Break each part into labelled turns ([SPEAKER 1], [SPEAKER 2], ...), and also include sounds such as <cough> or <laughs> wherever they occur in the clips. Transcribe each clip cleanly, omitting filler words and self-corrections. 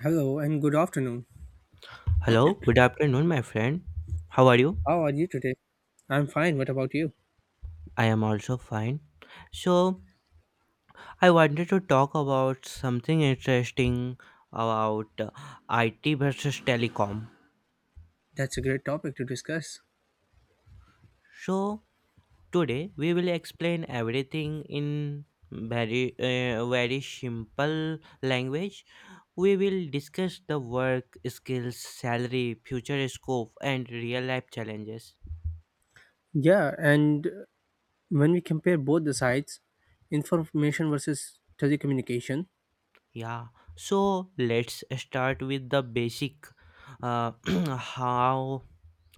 [SPEAKER 1] Hello and good afternoon.
[SPEAKER 2] Hello, good afternoon, my friend. How are you?
[SPEAKER 1] How are you today? I'm fine. What about you?
[SPEAKER 2] I am also fine. So, I wanted to talk about something interesting about IT versus telecom.
[SPEAKER 1] That's a great topic to discuss.
[SPEAKER 2] So, today we will explain everything in very simple language. We will discuss the work, skills, salary, future scope and real life challenges.
[SPEAKER 1] Yeah, and when we compare both the sides, information versus telecommunication,
[SPEAKER 2] Yeah, so let's start with the basic. Uh, <clears throat> how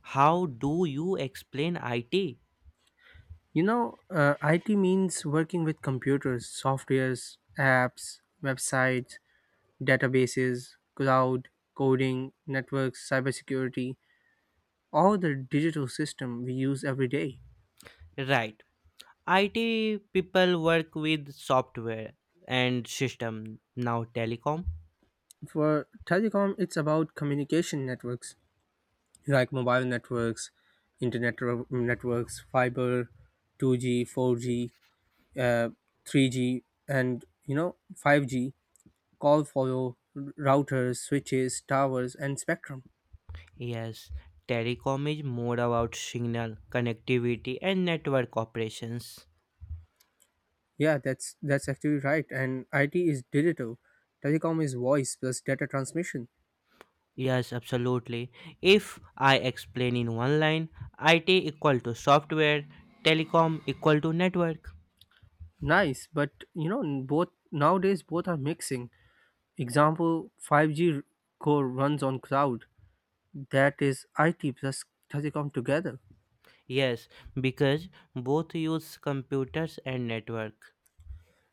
[SPEAKER 2] how do you explain IT?
[SPEAKER 1] IT means working with computers, softwares, apps, websites, databases, cloud, coding, networks, cybersecurity, all the digital system we use every day.
[SPEAKER 2] Right, IT people work with software and system. Now telecom,
[SPEAKER 1] For telecom, it's about communication networks like mobile networks, internet networks, fiber, 2G, 4G, uh, 3G, and 5G, call follow routers, switches, towers, and spectrum.
[SPEAKER 2] yes, telecom is more about signal connectivity and network operations.
[SPEAKER 1] Yeah, that's actually right. And IT is digital, telecom is voice plus data transmission.
[SPEAKER 2] Yes, absolutely. If I explain in one line, IT equal to software, telecom equal to network.
[SPEAKER 1] Nice, but you know both nowadays both are mixing. Example, 5G core runs on cloud. That is IT plus telecom together,
[SPEAKER 2] Yes, because both use computers and network.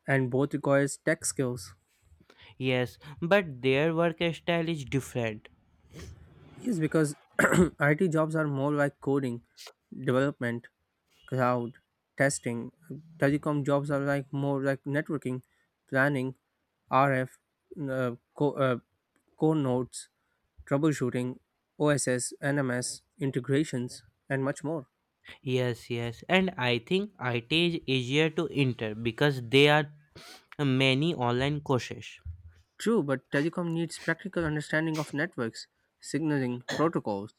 [SPEAKER 1] and both requires tech skills.
[SPEAKER 2] Yes, but their work style is different.
[SPEAKER 1] Yes, because <clears throat> IT jobs are more like coding, development, cloud, testing. Telecom jobs are like more like networking, planning, RF, uh, co- uh, core nodes, troubleshooting, OSS, NMS, integrations, and much more.
[SPEAKER 2] Yes, yes, and I think IT is easier to enter because there are many online courses.
[SPEAKER 1] True, but telecom needs practical understanding of networks, signaling protocols.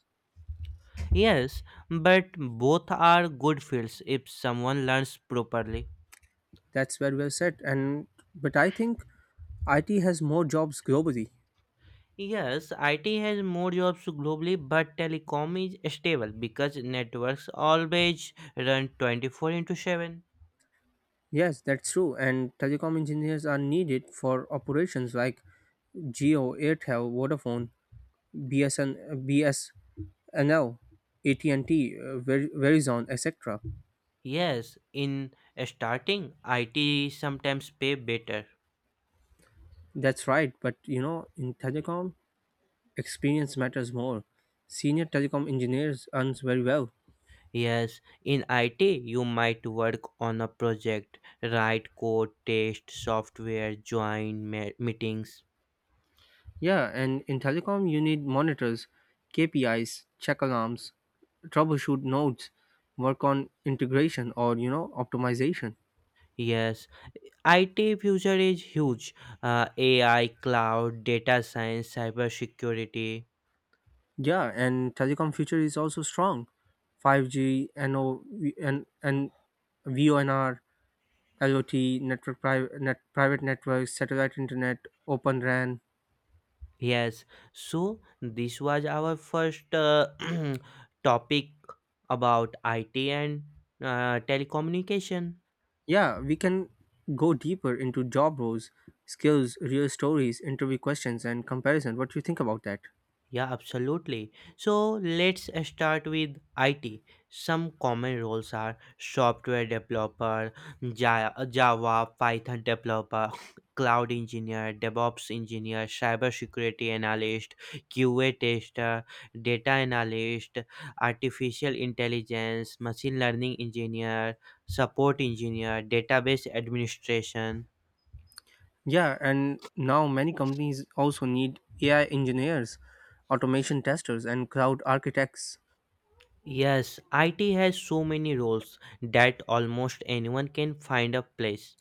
[SPEAKER 2] Yes, but both are good fields if someone learns properly.
[SPEAKER 1] That's where we are set. And but I think IT has more jobs globally.
[SPEAKER 2] Yes, IT has more jobs globally, but telecom is stable because networks always run 24 into 7.
[SPEAKER 1] Yes, that's true. And telecom engineers are needed for operations like Geo, Airtel, Vodafone, BSN, BSNL, and Verizon, etc.
[SPEAKER 2] Yes, in starting, IT sometimes pay better.
[SPEAKER 1] That's right. But in telecom, experience matters more. Senior telecom engineers earns very well.
[SPEAKER 2] Yes, in IT, you might work on a project, write code, test software, join meetings.
[SPEAKER 1] Yeah, and in telecom, you need monitors, KPIs, check alarms, troubleshoot nodes, work on integration or optimization.
[SPEAKER 2] Yes, IT future is huge. AI, cloud, data science, cybersecurity.
[SPEAKER 1] Yeah, and telecom future is also strong. 5G, NO, and VONR, IoT, network private networks, satellite internet, Open RAN.
[SPEAKER 2] Yes, so this was our first <clears throat> topic about IT and telecommunication.
[SPEAKER 1] Yeah, we can go deeper into job roles, skills, real stories, interview questions, and comparison. What do you think about that?
[SPEAKER 2] Yeah, absolutely. So let's start with IT. Some common roles are software developer, Java, Python developer, <laughs> cloud engineer, DevOps engineer, cybersecurity analyst, QA tester, data analyst, artificial intelligence, machine learning engineer, support engineer, database administration.
[SPEAKER 1] Yeah, and now many companies also need AI engineers, automation testers, and cloud architects.
[SPEAKER 2] Yes, IT has so many roles that almost anyone can find a place.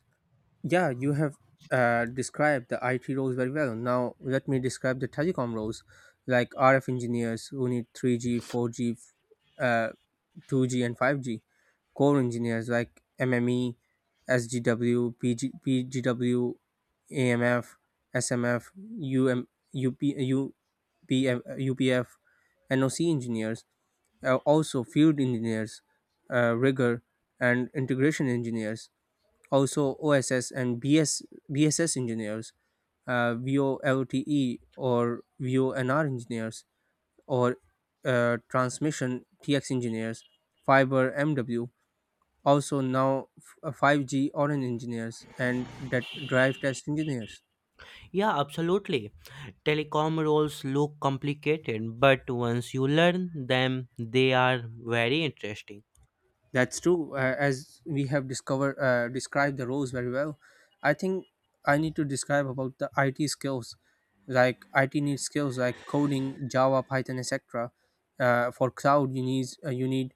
[SPEAKER 1] Yeah, you have described the IT roles very well. Now, let me describe the telecom roles like RF engineers who need 3G, 4G, uh, 2G, and 5G, core engineers like MME, SGW, PGW, AMF, SMF, UP, UP, UPF, NOC engineers, also, field engineers, rigor and integration engineers, also OSS and BSS engineers, VOLTE or VONR engineers, or transmission TX engineers, fiber MW, also now 5G engineers, and that drive test engineers.
[SPEAKER 2] Yeah, absolutely. Telecom roles look complicated, but once you learn them, they are very interesting.
[SPEAKER 1] That's true. As we have described the roles very well. I think I need to describe about the IT skills, like IT needs skills like coding, Java, Python, etc. For cloud, you need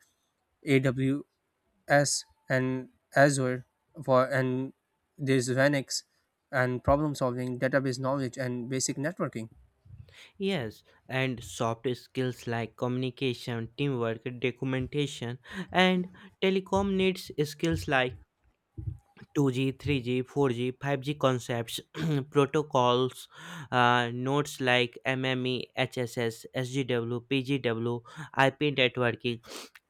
[SPEAKER 1] AWS and Azure, for and there's Linux and problem solving, database knowledge, and basic networking,
[SPEAKER 2] Yes, and soft skills like communication, teamwork, documentation, and telecom needs skills like 2G, 3G, 4G, 5G concepts, <clears throat> protocols, nodes like MME, HSS, SGW, PGW, IP networking,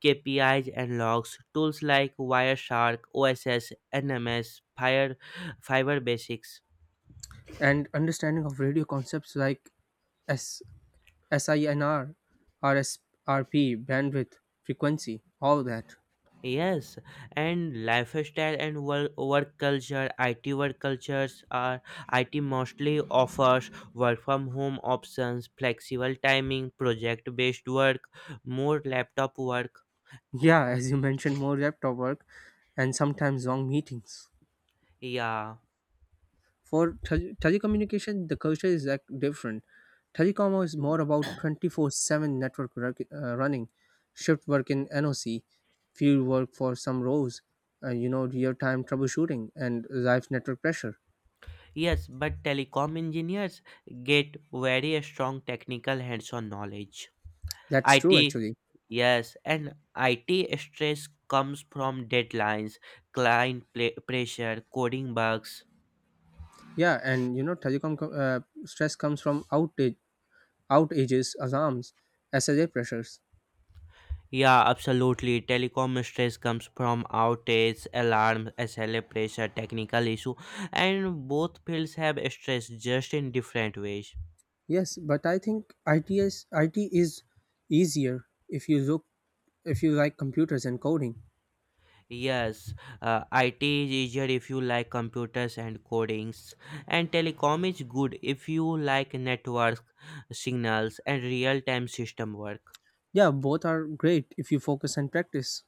[SPEAKER 2] KPIs and logs, tools like Wireshark, OSS, NMS, Fire, Fiber Basics.
[SPEAKER 1] and understanding of radio concepts like S SINR, RSRP, bandwidth, frequency, all that.
[SPEAKER 2] Yes, and lifestyle and work, work culture, IT work cultures are IT mostly offers work from home options, flexible timing, project based work, more laptop work.
[SPEAKER 1] Yeah, <laughs> as you mentioned, more laptop work and sometimes long meetings.
[SPEAKER 2] Yeah,
[SPEAKER 1] For telecommunication, the culture is like different. Telecom is more about 24/7 network running, shift work in NOC, field work for some roles, real time troubleshooting, and live network pressure.
[SPEAKER 2] yes, but telecom engineers get very strong technical hands on knowledge.
[SPEAKER 1] That's true,
[SPEAKER 2] IT,
[SPEAKER 1] actually.
[SPEAKER 2] yes, and IT stress comes from deadlines, client pressure, coding bugs.
[SPEAKER 1] Yeah, and telecom stress comes from outages, alarms, SLA pressures.
[SPEAKER 2] Yeah, absolutely. Telecom stress comes from outage, alarms, SLA pressure, technical issue, and both fields have stress just in different ways.
[SPEAKER 1] Yes, but I think ITS, IT is I T is easier if you like computers and coding.
[SPEAKER 2] Yes, IT is easier if you like computers and codings, and telecom is good if you like network signals and real-time system work.
[SPEAKER 1] Yeah, both are great if you focus and practice.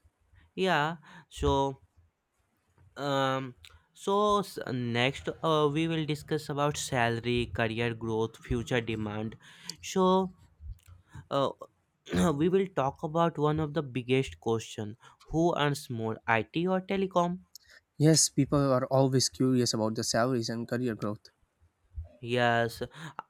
[SPEAKER 2] Yeah. So um so s- next uh, we will discuss about salary, career growth, future demand. So uh, <clears throat> we will talk about one of the biggest question. Who earns more, IT or telecom?
[SPEAKER 1] Yes, people are always curious about the salaries and career growth.
[SPEAKER 2] Yes,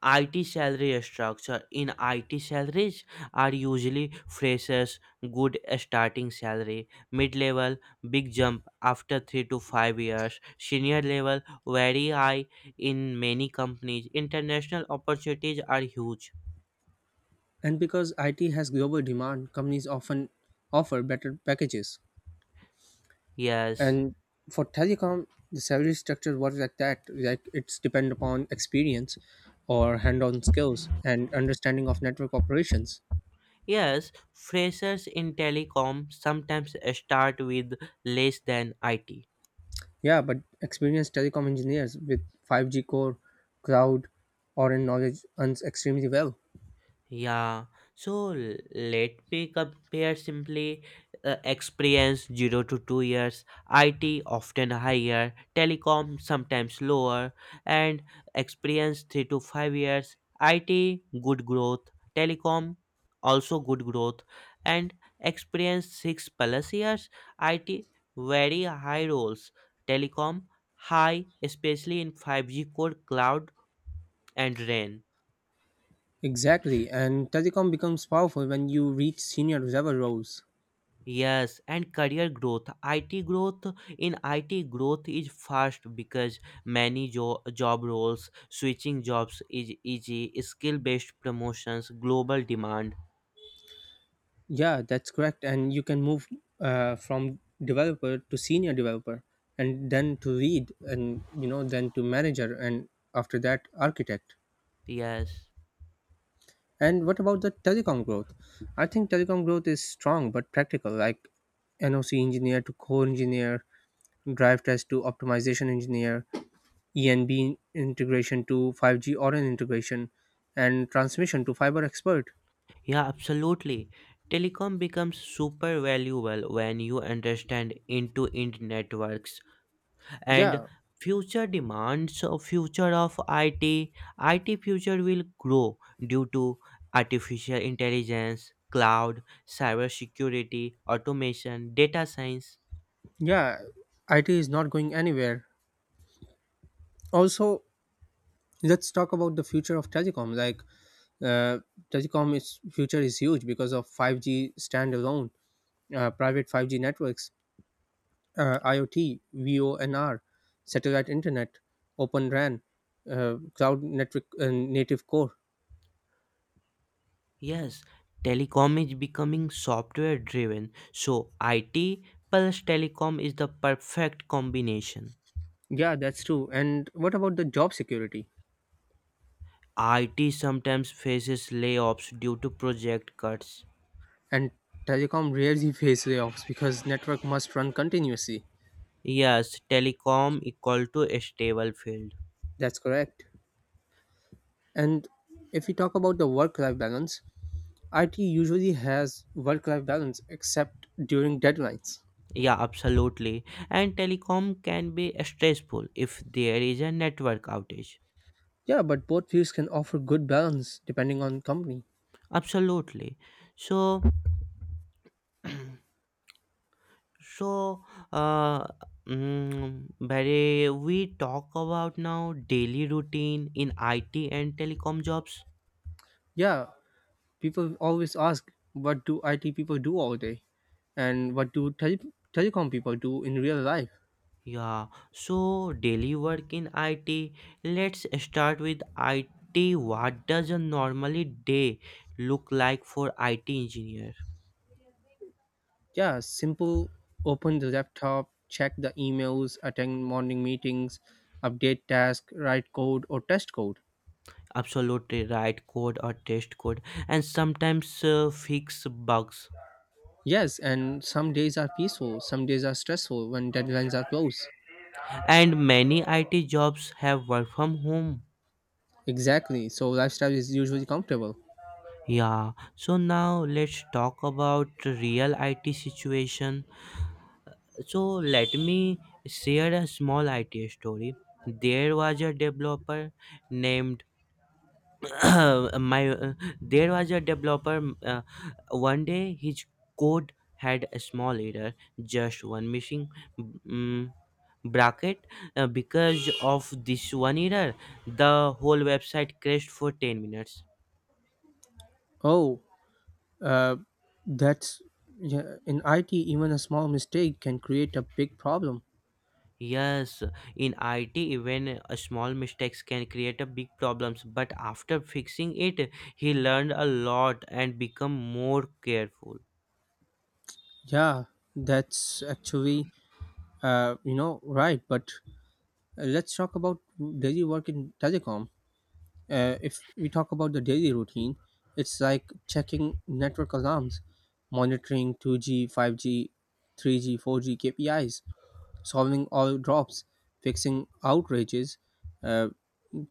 [SPEAKER 2] IT salary structure. In IT salaries are usually freshers good starting salary, mid level big jump after 3 to 5 years, senior level very high. In many companies international opportunities are huge.
[SPEAKER 1] And because IT has global demand, companies often offer better packages.
[SPEAKER 2] Yes.
[SPEAKER 1] And for telecom, the salary structure was like that, like, it's depend upon experience or hand-on skills and understanding of network operations.
[SPEAKER 2] Yes, freshers in telecom sometimes start with less than IT.
[SPEAKER 1] Yeah, but experienced telecom engineers with 5G core, cloud, or in knowledge earns extremely well.
[SPEAKER 2] Yeah, so let me compare simply, experience 0 to 2 years, IT often higher, telecom sometimes lower, and experience 3 to 5 years, IT good growth, telecom also good growth, and experience 6 plus years, IT very high roles, telecom high, especially in 5G core, cloud, and RAN.
[SPEAKER 1] Exactly, and telecom becomes powerful when you reach senior level roles.
[SPEAKER 2] Yes, and career growth. IT growth is fast because many job roles, switching jobs is easy, skill based promotions, global demand.
[SPEAKER 1] Yeah, that's correct. And you can move from developer to senior developer, and then to lead, and then to manager, and after that architect.
[SPEAKER 2] Yes.
[SPEAKER 1] And what about the telecom growth? I think telecom growth is strong but practical, like NOC engineer to core engineer, drive test to optimization engineer, ENB integration to 5G ORAN integration, and transmission to fiber expert.
[SPEAKER 2] Yeah, absolutely. Telecom becomes super valuable when you understand into internet networks and
[SPEAKER 1] Yeah.
[SPEAKER 2] future demands of future of IT. IT future will grow due to artificial intelligence, cloud, cybersecurity, automation, data science.
[SPEAKER 1] Yeah, IT is not going anywhere. Also, let's talk about the future of telecom, like uh, telecom is future is huge because of 5G standalone, private 5G networks, iot, vonr, satellite internet, open ran, cloud network, native core.
[SPEAKER 2] Yes, telecom is becoming software driven, so IT plus telecom is the perfect combination.
[SPEAKER 1] Yeah, that's true. And what about the job security?
[SPEAKER 2] IT sometimes faces layoffs due to project cuts.
[SPEAKER 1] And telecom rarely <laughs> face layoffs because network must run continuously.
[SPEAKER 2] Yes, telecom equal to a stable field.
[SPEAKER 1] That's correct. And if we talk about the work life balance, IT usually has work life balance except during deadlines.
[SPEAKER 2] Yeah, absolutely. And telecom can be stressful if there is a network outage.
[SPEAKER 1] Yeah, but both fields can offer good balance depending on company.
[SPEAKER 2] Absolutely. So, <clears throat> so uh, Barry, we talk about now daily routine in IT and telecom jobs.
[SPEAKER 1] Yeah, people always ask what do IT people do all day, and what do telecom people do in real life.
[SPEAKER 2] Yeah. So daily work in IT. Let's start with IT. What does a normally day look like for IT engineer?
[SPEAKER 1] Yeah, simple. Open the laptop, check the emails, attend morning meetings, update task, write code or test code.
[SPEAKER 2] Absolutely right code or test code, and sometimes fix bugs.
[SPEAKER 1] Yes, and some days are peaceful, some days are stressful when deadlines are close.
[SPEAKER 2] And many IT jobs have work from home.
[SPEAKER 1] Exactly. So lifestyle is usually comfortable.
[SPEAKER 2] Yeah, so now let's talk about real IT situation. So let me share a small IT story. There was a developer named <coughs> <clears throat> my there was a developer one day his code had a small error, just one missing mm bracket. Because of this one error the whole website crashed for 10 minutes.
[SPEAKER 1] Oh, uh, that's yeah, in IT, even a small mistake can create a big problem.
[SPEAKER 2] Yes, in IT even a small mistakes can create a big problems, but after fixing it he learned a lot and become more careful.
[SPEAKER 1] Yeah, that's actually, right. But let's talk about daily work in telecom. If we talk about the daily routine, it's like checking network alarms, monitoring 2G, 5G, 3G, 4G KPIs, solving all drops, fixing outrages, uh,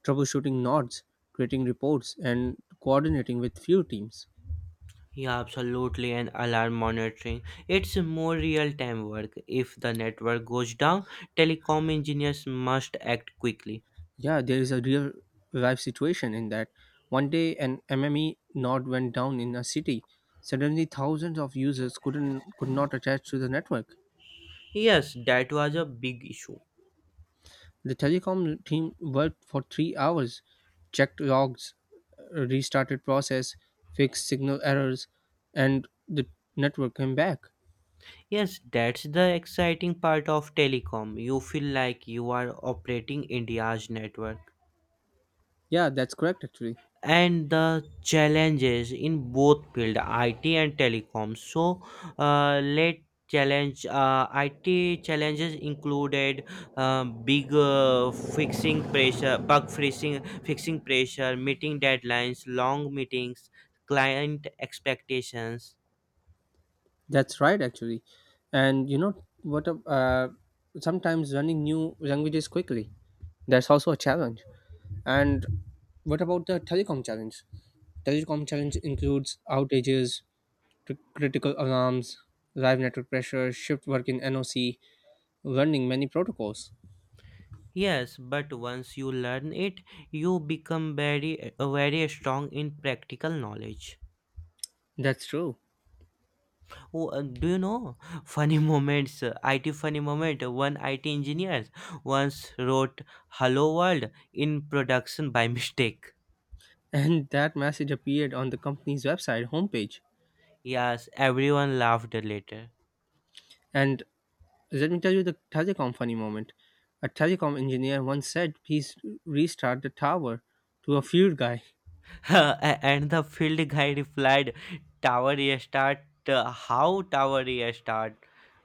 [SPEAKER 1] troubleshooting nodes, creating reports, and coordinating with few teams.
[SPEAKER 2] Yeah, absolutely. And alarm monitoring. It's more real time work. If the network goes down, telecom engineers must act quickly.
[SPEAKER 1] Yeah, there is a real life situation in that. One day, an MME node went down in a city. Suddenly, thousands of users could not attach to the network.
[SPEAKER 2] Yes, that was a big issue.
[SPEAKER 1] The telecom team worked for 3 hours, checked logs, restarted process, fixed signal errors, and the network came back.
[SPEAKER 2] Yes, that's the exciting part of telecom. You feel like you are operating India's network.
[SPEAKER 1] Yeah, that's correct actually.
[SPEAKER 2] And the challenges in both field IT and telecom. So let challenge IT challenges included big fixing pressure, bug fixing, fixing pressure, meeting deadlines, long meetings, client expectations.
[SPEAKER 1] That's right actually. And sometimes learning new languages quickly. That's also a challenge. And what about the telecom challenge? Telecom challenge includes outages, critical alarms, live network pressure, shift work in NOC, learning many protocols.
[SPEAKER 2] Yes, but once you learn it, you become very strong in practical knowledge.
[SPEAKER 1] That's true. <laughs>
[SPEAKER 2] Who Do you know funny moments? IT funny moment. One IT engineer once wrote "Hello World" in production by <laughs> mistake.
[SPEAKER 1] And that message appeared on the company's website homepage.
[SPEAKER 2] Yes, everyone laughed later.
[SPEAKER 1] And Let me tell you the telecom funny moment. A telecom engineer once said, "Please restart the tower," to a field guy. <laughs>
[SPEAKER 2] <laughs> And the field guy replied, "Tower restart. How tower restart?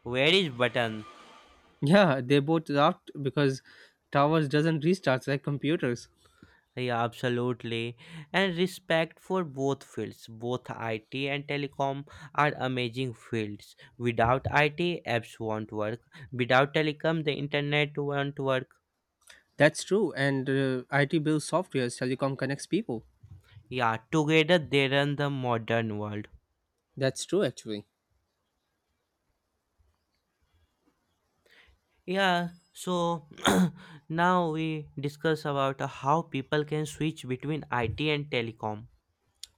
[SPEAKER 2] Where is button?"
[SPEAKER 1] Yeah, they both laughed because towers doesn't restart like computers.
[SPEAKER 2] Yeah, absolutely. And respect for both fields. Both IT and telecom are amazing fields. Without IT, apps won't work. Without telecom, the internet won't work.
[SPEAKER 1] That's true, and IT builds software, telecom connects people.
[SPEAKER 2] Yeah, together they run the modern world.
[SPEAKER 1] That's true actually.
[SPEAKER 2] Yeah, so <clears throat> now we discuss about how people can switch between IT and telecom.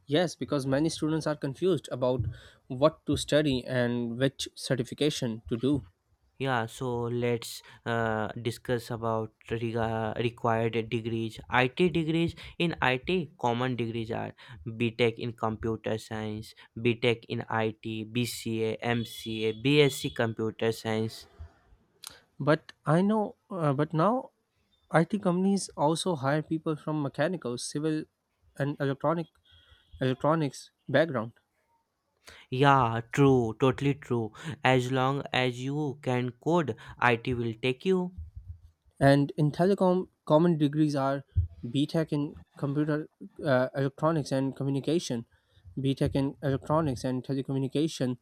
[SPEAKER 1] Yes, because many students are confused about what to study and which certification to do.
[SPEAKER 2] Yeah, so let's discuss about required degrees. IT degrees. In IT, common degrees are BTech in computer science, BTech in I T, BCA, MCA, BSc computer science.
[SPEAKER 1] But I know, but now IT companies also hire people from mechanical, civil, and electronics background.
[SPEAKER 2] Yeah, true, totally true. As long as you can code, IT will take you.
[SPEAKER 1] And in telecom, common degrees are B Tech in computer electronics and communication, B Tech in electronics and telecommunication,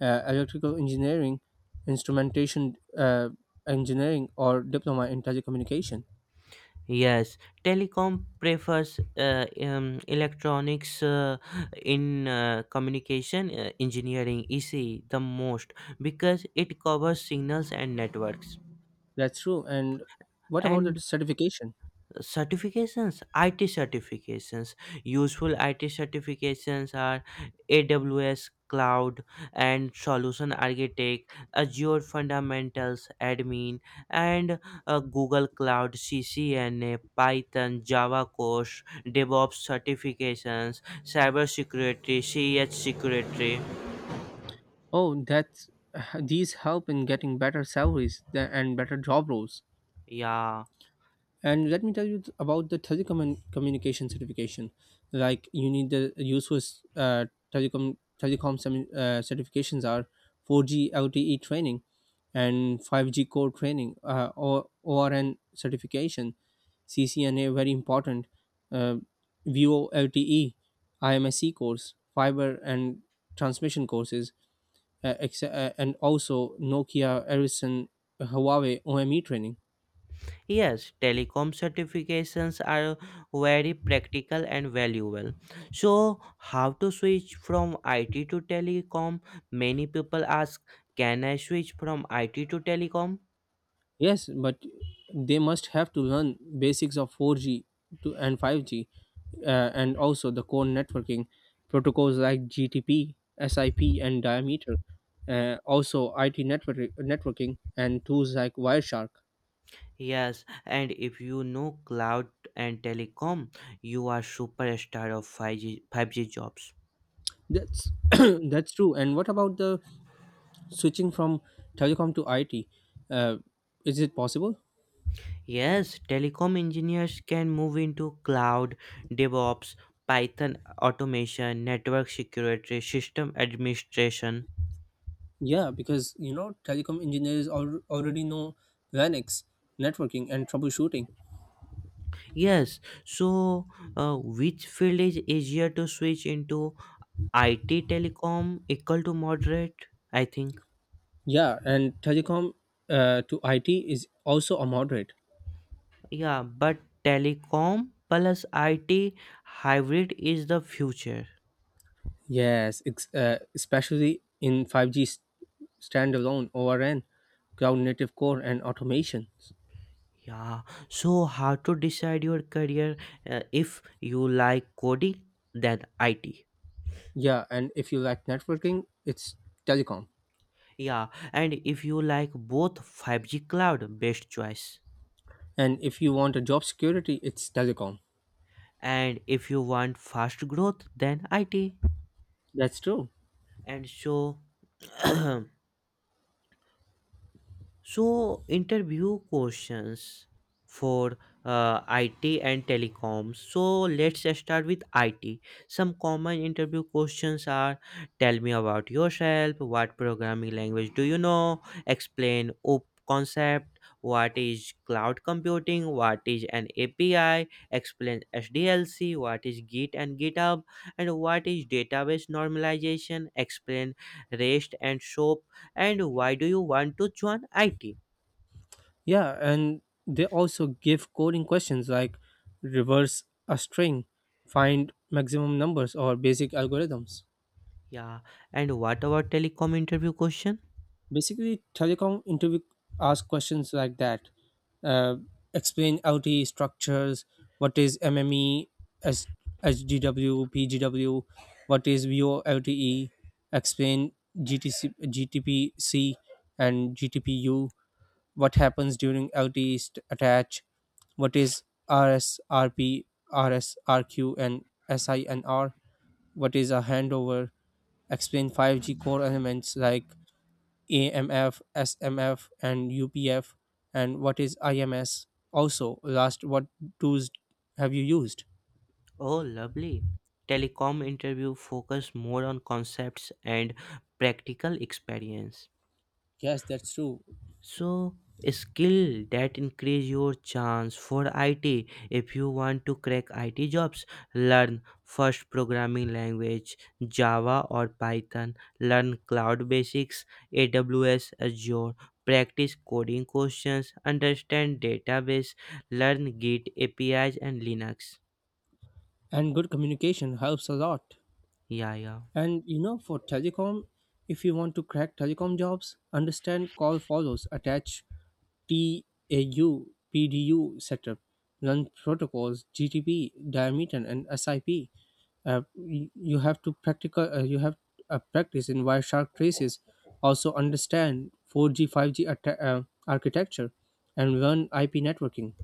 [SPEAKER 1] electrical engineering, instrumentation engineering, or diploma in telecommunication.
[SPEAKER 2] Yes, telecom prefers electronics in communication engineering ECE the most because it covers signals and networks.
[SPEAKER 1] That's true. And what about the
[SPEAKER 2] And
[SPEAKER 1] certification?
[SPEAKER 2] certifications. IT certifications. Useful IT certifications are AWS cloud and solution architect, Azure fundamentals admin, and Google Cloud, CCNA, Python, Java course, DevOps certifications, cyber security, ch security.
[SPEAKER 1] Oh, that's <sighs> these help in getting better salaries and better job roles.
[SPEAKER 2] Yeah.
[SPEAKER 1] And let me tell you about the telecommunication certification. Like you need the useful, uh, telecom certifications are 4G LTE training and 5G core training, or ORN certification, CCNA very important, uh, VO LTE, IMSC course, fiber and transmission courses, and also Nokia, Ericsson, Huawei OME training.
[SPEAKER 2] Yes, telecom certifications are very practical and valuable. So, how to switch from IT to telecom? Many people ask, can I switch from IT to telecom?
[SPEAKER 1] Yes, but they must have to learn basics of 4G to and 5G, and also the core networking protocols like GTP, SIP, and Diameter. Also, IT networking and tools like Wireshark.
[SPEAKER 2] Yes, and if you know cloud and telecom, you are superstar of 5G jobs.
[SPEAKER 1] That's <coughs> <clears throat> that's true. And what about the switching from telecom to IT? Uh, is it possible?
[SPEAKER 2] Yes, telecom engineers can move into cloud, DevOps, Python automation, network security, system administration.
[SPEAKER 1] Yeah, because telecom engineers already know Linux, networking, and troubleshooting.
[SPEAKER 2] Yes, so which field is easier to switch into IT? Telecom equal to moderate? I think.
[SPEAKER 1] Yeah, and telecom to IT is also a moderate.
[SPEAKER 2] Yeah, but telecom plus IT hybrid is the future.
[SPEAKER 1] Yes, especially in 5G standalone ORN, cloud native core, and automation.
[SPEAKER 2] Yeah, so how to decide your career, if you like coding, then IT.
[SPEAKER 1] Yeah, and if you like networking, it's telecom.
[SPEAKER 2] Yeah, and if you like both 5G cloud, best choice.
[SPEAKER 1] And if you want a job security, it's telecom.
[SPEAKER 2] And if you want fast growth, then IT.
[SPEAKER 1] That's true.
[SPEAKER 2] And so <clears throat> so, interview questions for IT and telecoms. So, let's just start with IT. Some common interview questions are, tell me about yourself, what programming language do you know, explain OOP concept, what is cloud computing, what is an API, explain SDLC, what is Git and GitHub, and what is database normalization, explain REST and SOAP, and why do you want to join IT?
[SPEAKER 1] Yeah, and they also give coding questions like reverse a string, find maximum numbers, or basic algorithms.
[SPEAKER 2] Yeah. And what about telecom interview question?
[SPEAKER 1] Basically, telecom interview ask questions like that. Uh, Explain LTE structures, what is MME, S- HDW, PGW, what is VoLTE, explain GTC, GTPC and GTPU, what happens during LTE attach, what is RSRP, RSRQ, and SINR, what is a handover, explain 5G core elements like AMF, SMF, and UPF, and what is IMS. Also, last, what tools have you used?
[SPEAKER 2] Oh, lovely. Telecom interview focus more on concepts and practical experience.
[SPEAKER 1] Yes, that's true.
[SPEAKER 2] So, skill that increase your chance for IT. If you want to crack IT jobs, learn first programming language Java or Python, learn cloud basics, AWS, Azure, practice coding questions, understand database, learn Git, APIs and Linux.
[SPEAKER 1] And good communication helps a lot.
[SPEAKER 2] Yeah, yeah.
[SPEAKER 1] And for telecom, if you want to crack telecom jobs, understand call follows, attach TAU, PDU setup, learn protocols, GTP, diameter, and SIP. You have to practical. You have practice in Wireshark traces. Also understand 4G, 5G architecture, and learn IP networking.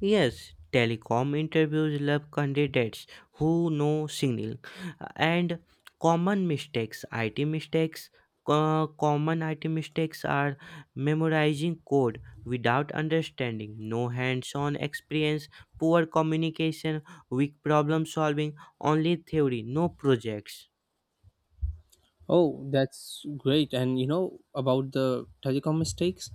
[SPEAKER 2] Yes, telecom interviews love candidates who know signal and common mistakes. IT mistakes, common IT mistakes are memorizing code without understanding, no hands on experience, poor communication, weak problem solving, only theory, no projects.
[SPEAKER 1] Oh, that's great. And you know about the telecom mistakes?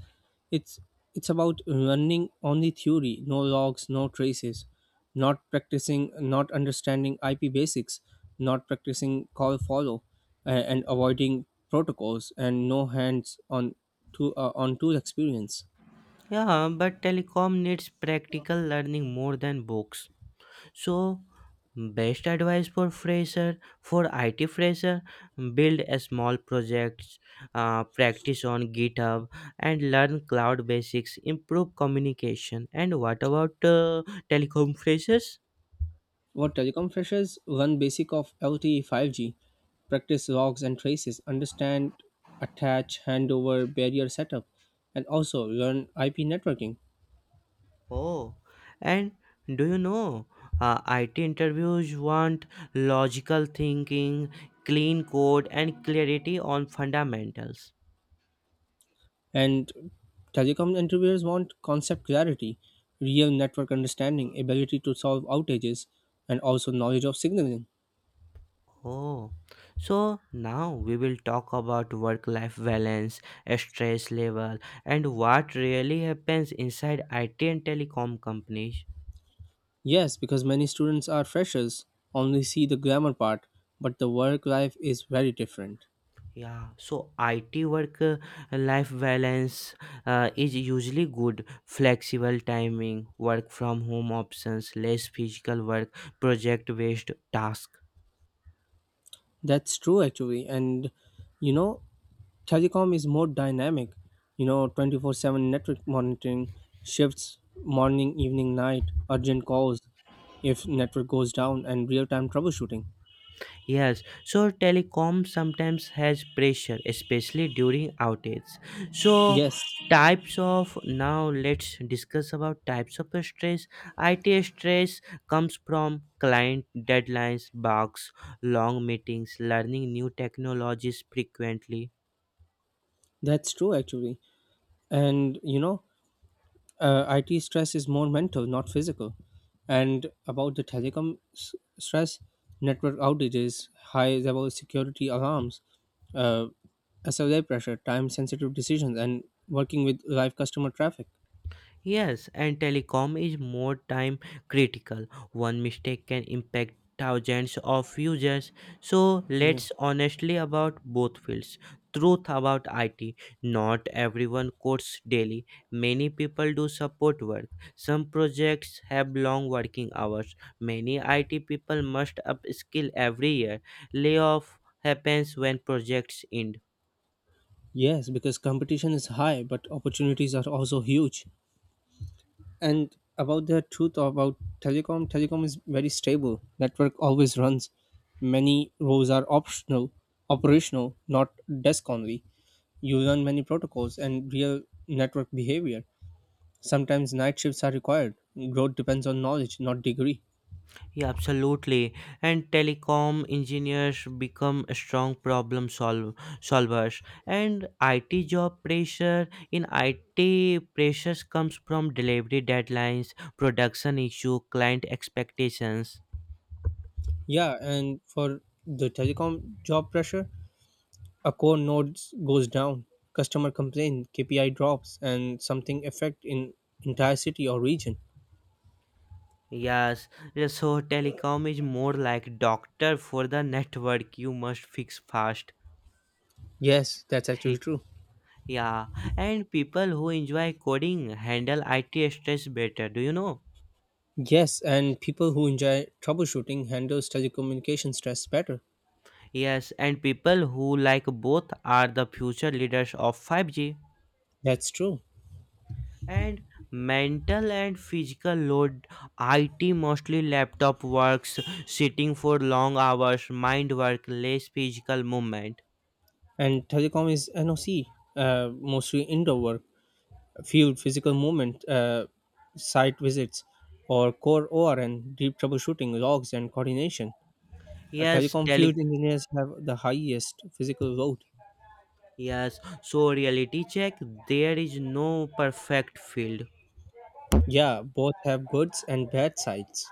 [SPEAKER 1] It's it's about running on the theory, no logs, no traces, not practicing, not understanding IP basics, not practicing call follow, and avoiding protocols, and no hands on to on tool experience.
[SPEAKER 2] Yeah, but telecom needs practical learning more than books. So, best advice for fresher, for IT fresher, build a small projects, practice on GitHub, and learn cloud basics. Improve communication. And what about telecom <laughs> freshers?
[SPEAKER 1] What telecom freshers learn basic of LTE 5G, practice logs and traces, understand attach, handover, barrier setup, and also learn IP networking.
[SPEAKER 2] Oh, and do you know IT interviews want logical thinking, clean code, and clarity on fundamentals.
[SPEAKER 1] And telecom interviewers want concept clarity, real network understanding, ability to solve outages, and also knowledge of signaling.
[SPEAKER 2] Oh, so now we will talk about work life balance, stress level, and what really happens inside IT and telecom companies.
[SPEAKER 1] Yes, because many students are freshers, only see the glamour part, but the work life is very different.
[SPEAKER 2] Yeah, so IT work, life balance is usually good, flexible timing, work from home options, less physical work, project based tasks.
[SPEAKER 1] That's true, actually. And you know, telecom is more dynamic. 24/7 network monitoring, shifts, morning, evening, night, urgent calls if network goes down, and real time troubleshooting.
[SPEAKER 2] Yes, so telecom sometimes has pressure, especially during outages. So,
[SPEAKER 1] Yes,
[SPEAKER 2] types of now let's discuss about types of stress. IT stress comes from client deadlines, bugs, long meetings, learning new technologies frequently.
[SPEAKER 1] that's true, actually. And IT stress is more mental, not physical. And about the telecom stress, network outages, high level security alarms, uh, SLA pressure, time sensitive decisions, and working with live customer traffic.
[SPEAKER 2] Yes, and telecom is more time critical. One mistake can impact thousands of users. So
[SPEAKER 1] Yeah.
[SPEAKER 2] let's honestly about both fields. Truth about IT. Not everyone codes daily. Many people do support work. Some projects have long working hours. Many IT people must upskill every year. Layoff happens when projects end.
[SPEAKER 1] Yes, because competition is high, but opportunities are also huge. And about the truth about telecom, is very stable, network always runs, many rows are optional operational, not desk only, you learn many protocols and real network behavior, sometimes night shifts are required, growth depends on knowledge, not degree.
[SPEAKER 2] Yeah, absolutely. And telecom engineers become a strong problem solvers. And IT job pressure. In IT pressures comes from delivery deadlines, production issue, client expectations.
[SPEAKER 1] Yeah, and for the telecom job pressure, a core node goes down, customer complain, KPI drops, and something affect in entire city or region.
[SPEAKER 2] Yes, yeah, so telecom is more like doctor for the network, you must fix fast.
[SPEAKER 1] Yes, that's actually
[SPEAKER 2] <laughs>
[SPEAKER 1] true.
[SPEAKER 2] Yeah, and people who enjoy coding handle IT stress better. Do you know?
[SPEAKER 1] Yes, and people who enjoy troubleshooting handles telecommunication stress better.
[SPEAKER 2] Yes, and people who like both are the future leaders of 5G.
[SPEAKER 1] That's true.
[SPEAKER 2] And mental and physical load. IT mostly laptop works, sitting for long hours, mind work, less physical movement.
[SPEAKER 1] And telecom is NOC, mostly indoor work, field physical movement, site visits, or core ORN, deep troubleshooting, logs, and coordination.
[SPEAKER 2] Yes,
[SPEAKER 1] Telecom
[SPEAKER 2] tele
[SPEAKER 1] field engineers have the highest physical load.
[SPEAKER 2] yes, so reality check there is no perfect field.
[SPEAKER 1] Yeah, both have goods and bad sides.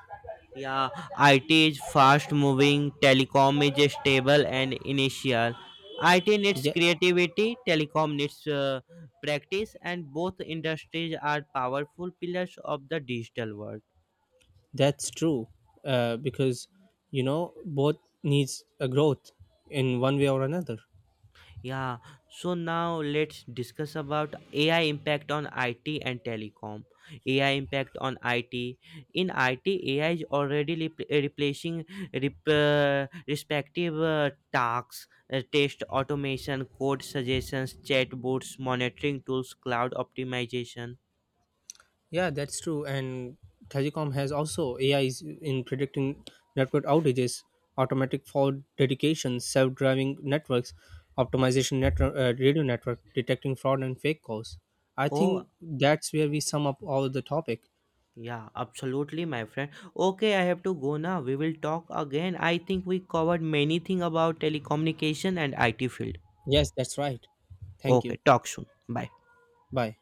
[SPEAKER 2] Yeah, IT is fast moving, telecom is stable and initial. IT needs
[SPEAKER 1] Yeah,
[SPEAKER 2] creativity, telecom needs practice, and both industries are powerful pillars of the digital world.
[SPEAKER 1] that's true. Because both needs a growth in one way or another.
[SPEAKER 2] Yeah, so now let's discuss about AI impact on IT and telecom. AI impact on IT. In IT, AI is already respective tasks, test automation, code suggestions, chatbots, monitoring tools, cloud optimization.
[SPEAKER 1] Yeah, that's true. And Tragicom has also AIs in predicting network outages, automatic fault dedication, self-driving networks, optimization network, radio network, detecting fraud and fake calls. I think
[SPEAKER 2] Oh,
[SPEAKER 1] that's where we sum up all the topic.
[SPEAKER 2] yeah, absolutely, my friend. Okay, I have to go now. We will talk again. I think we covered many thing about telecommunication and IT field.
[SPEAKER 1] Yes, that's right. Thank you.
[SPEAKER 2] Okay, talk soon. Bye.
[SPEAKER 1] Bye.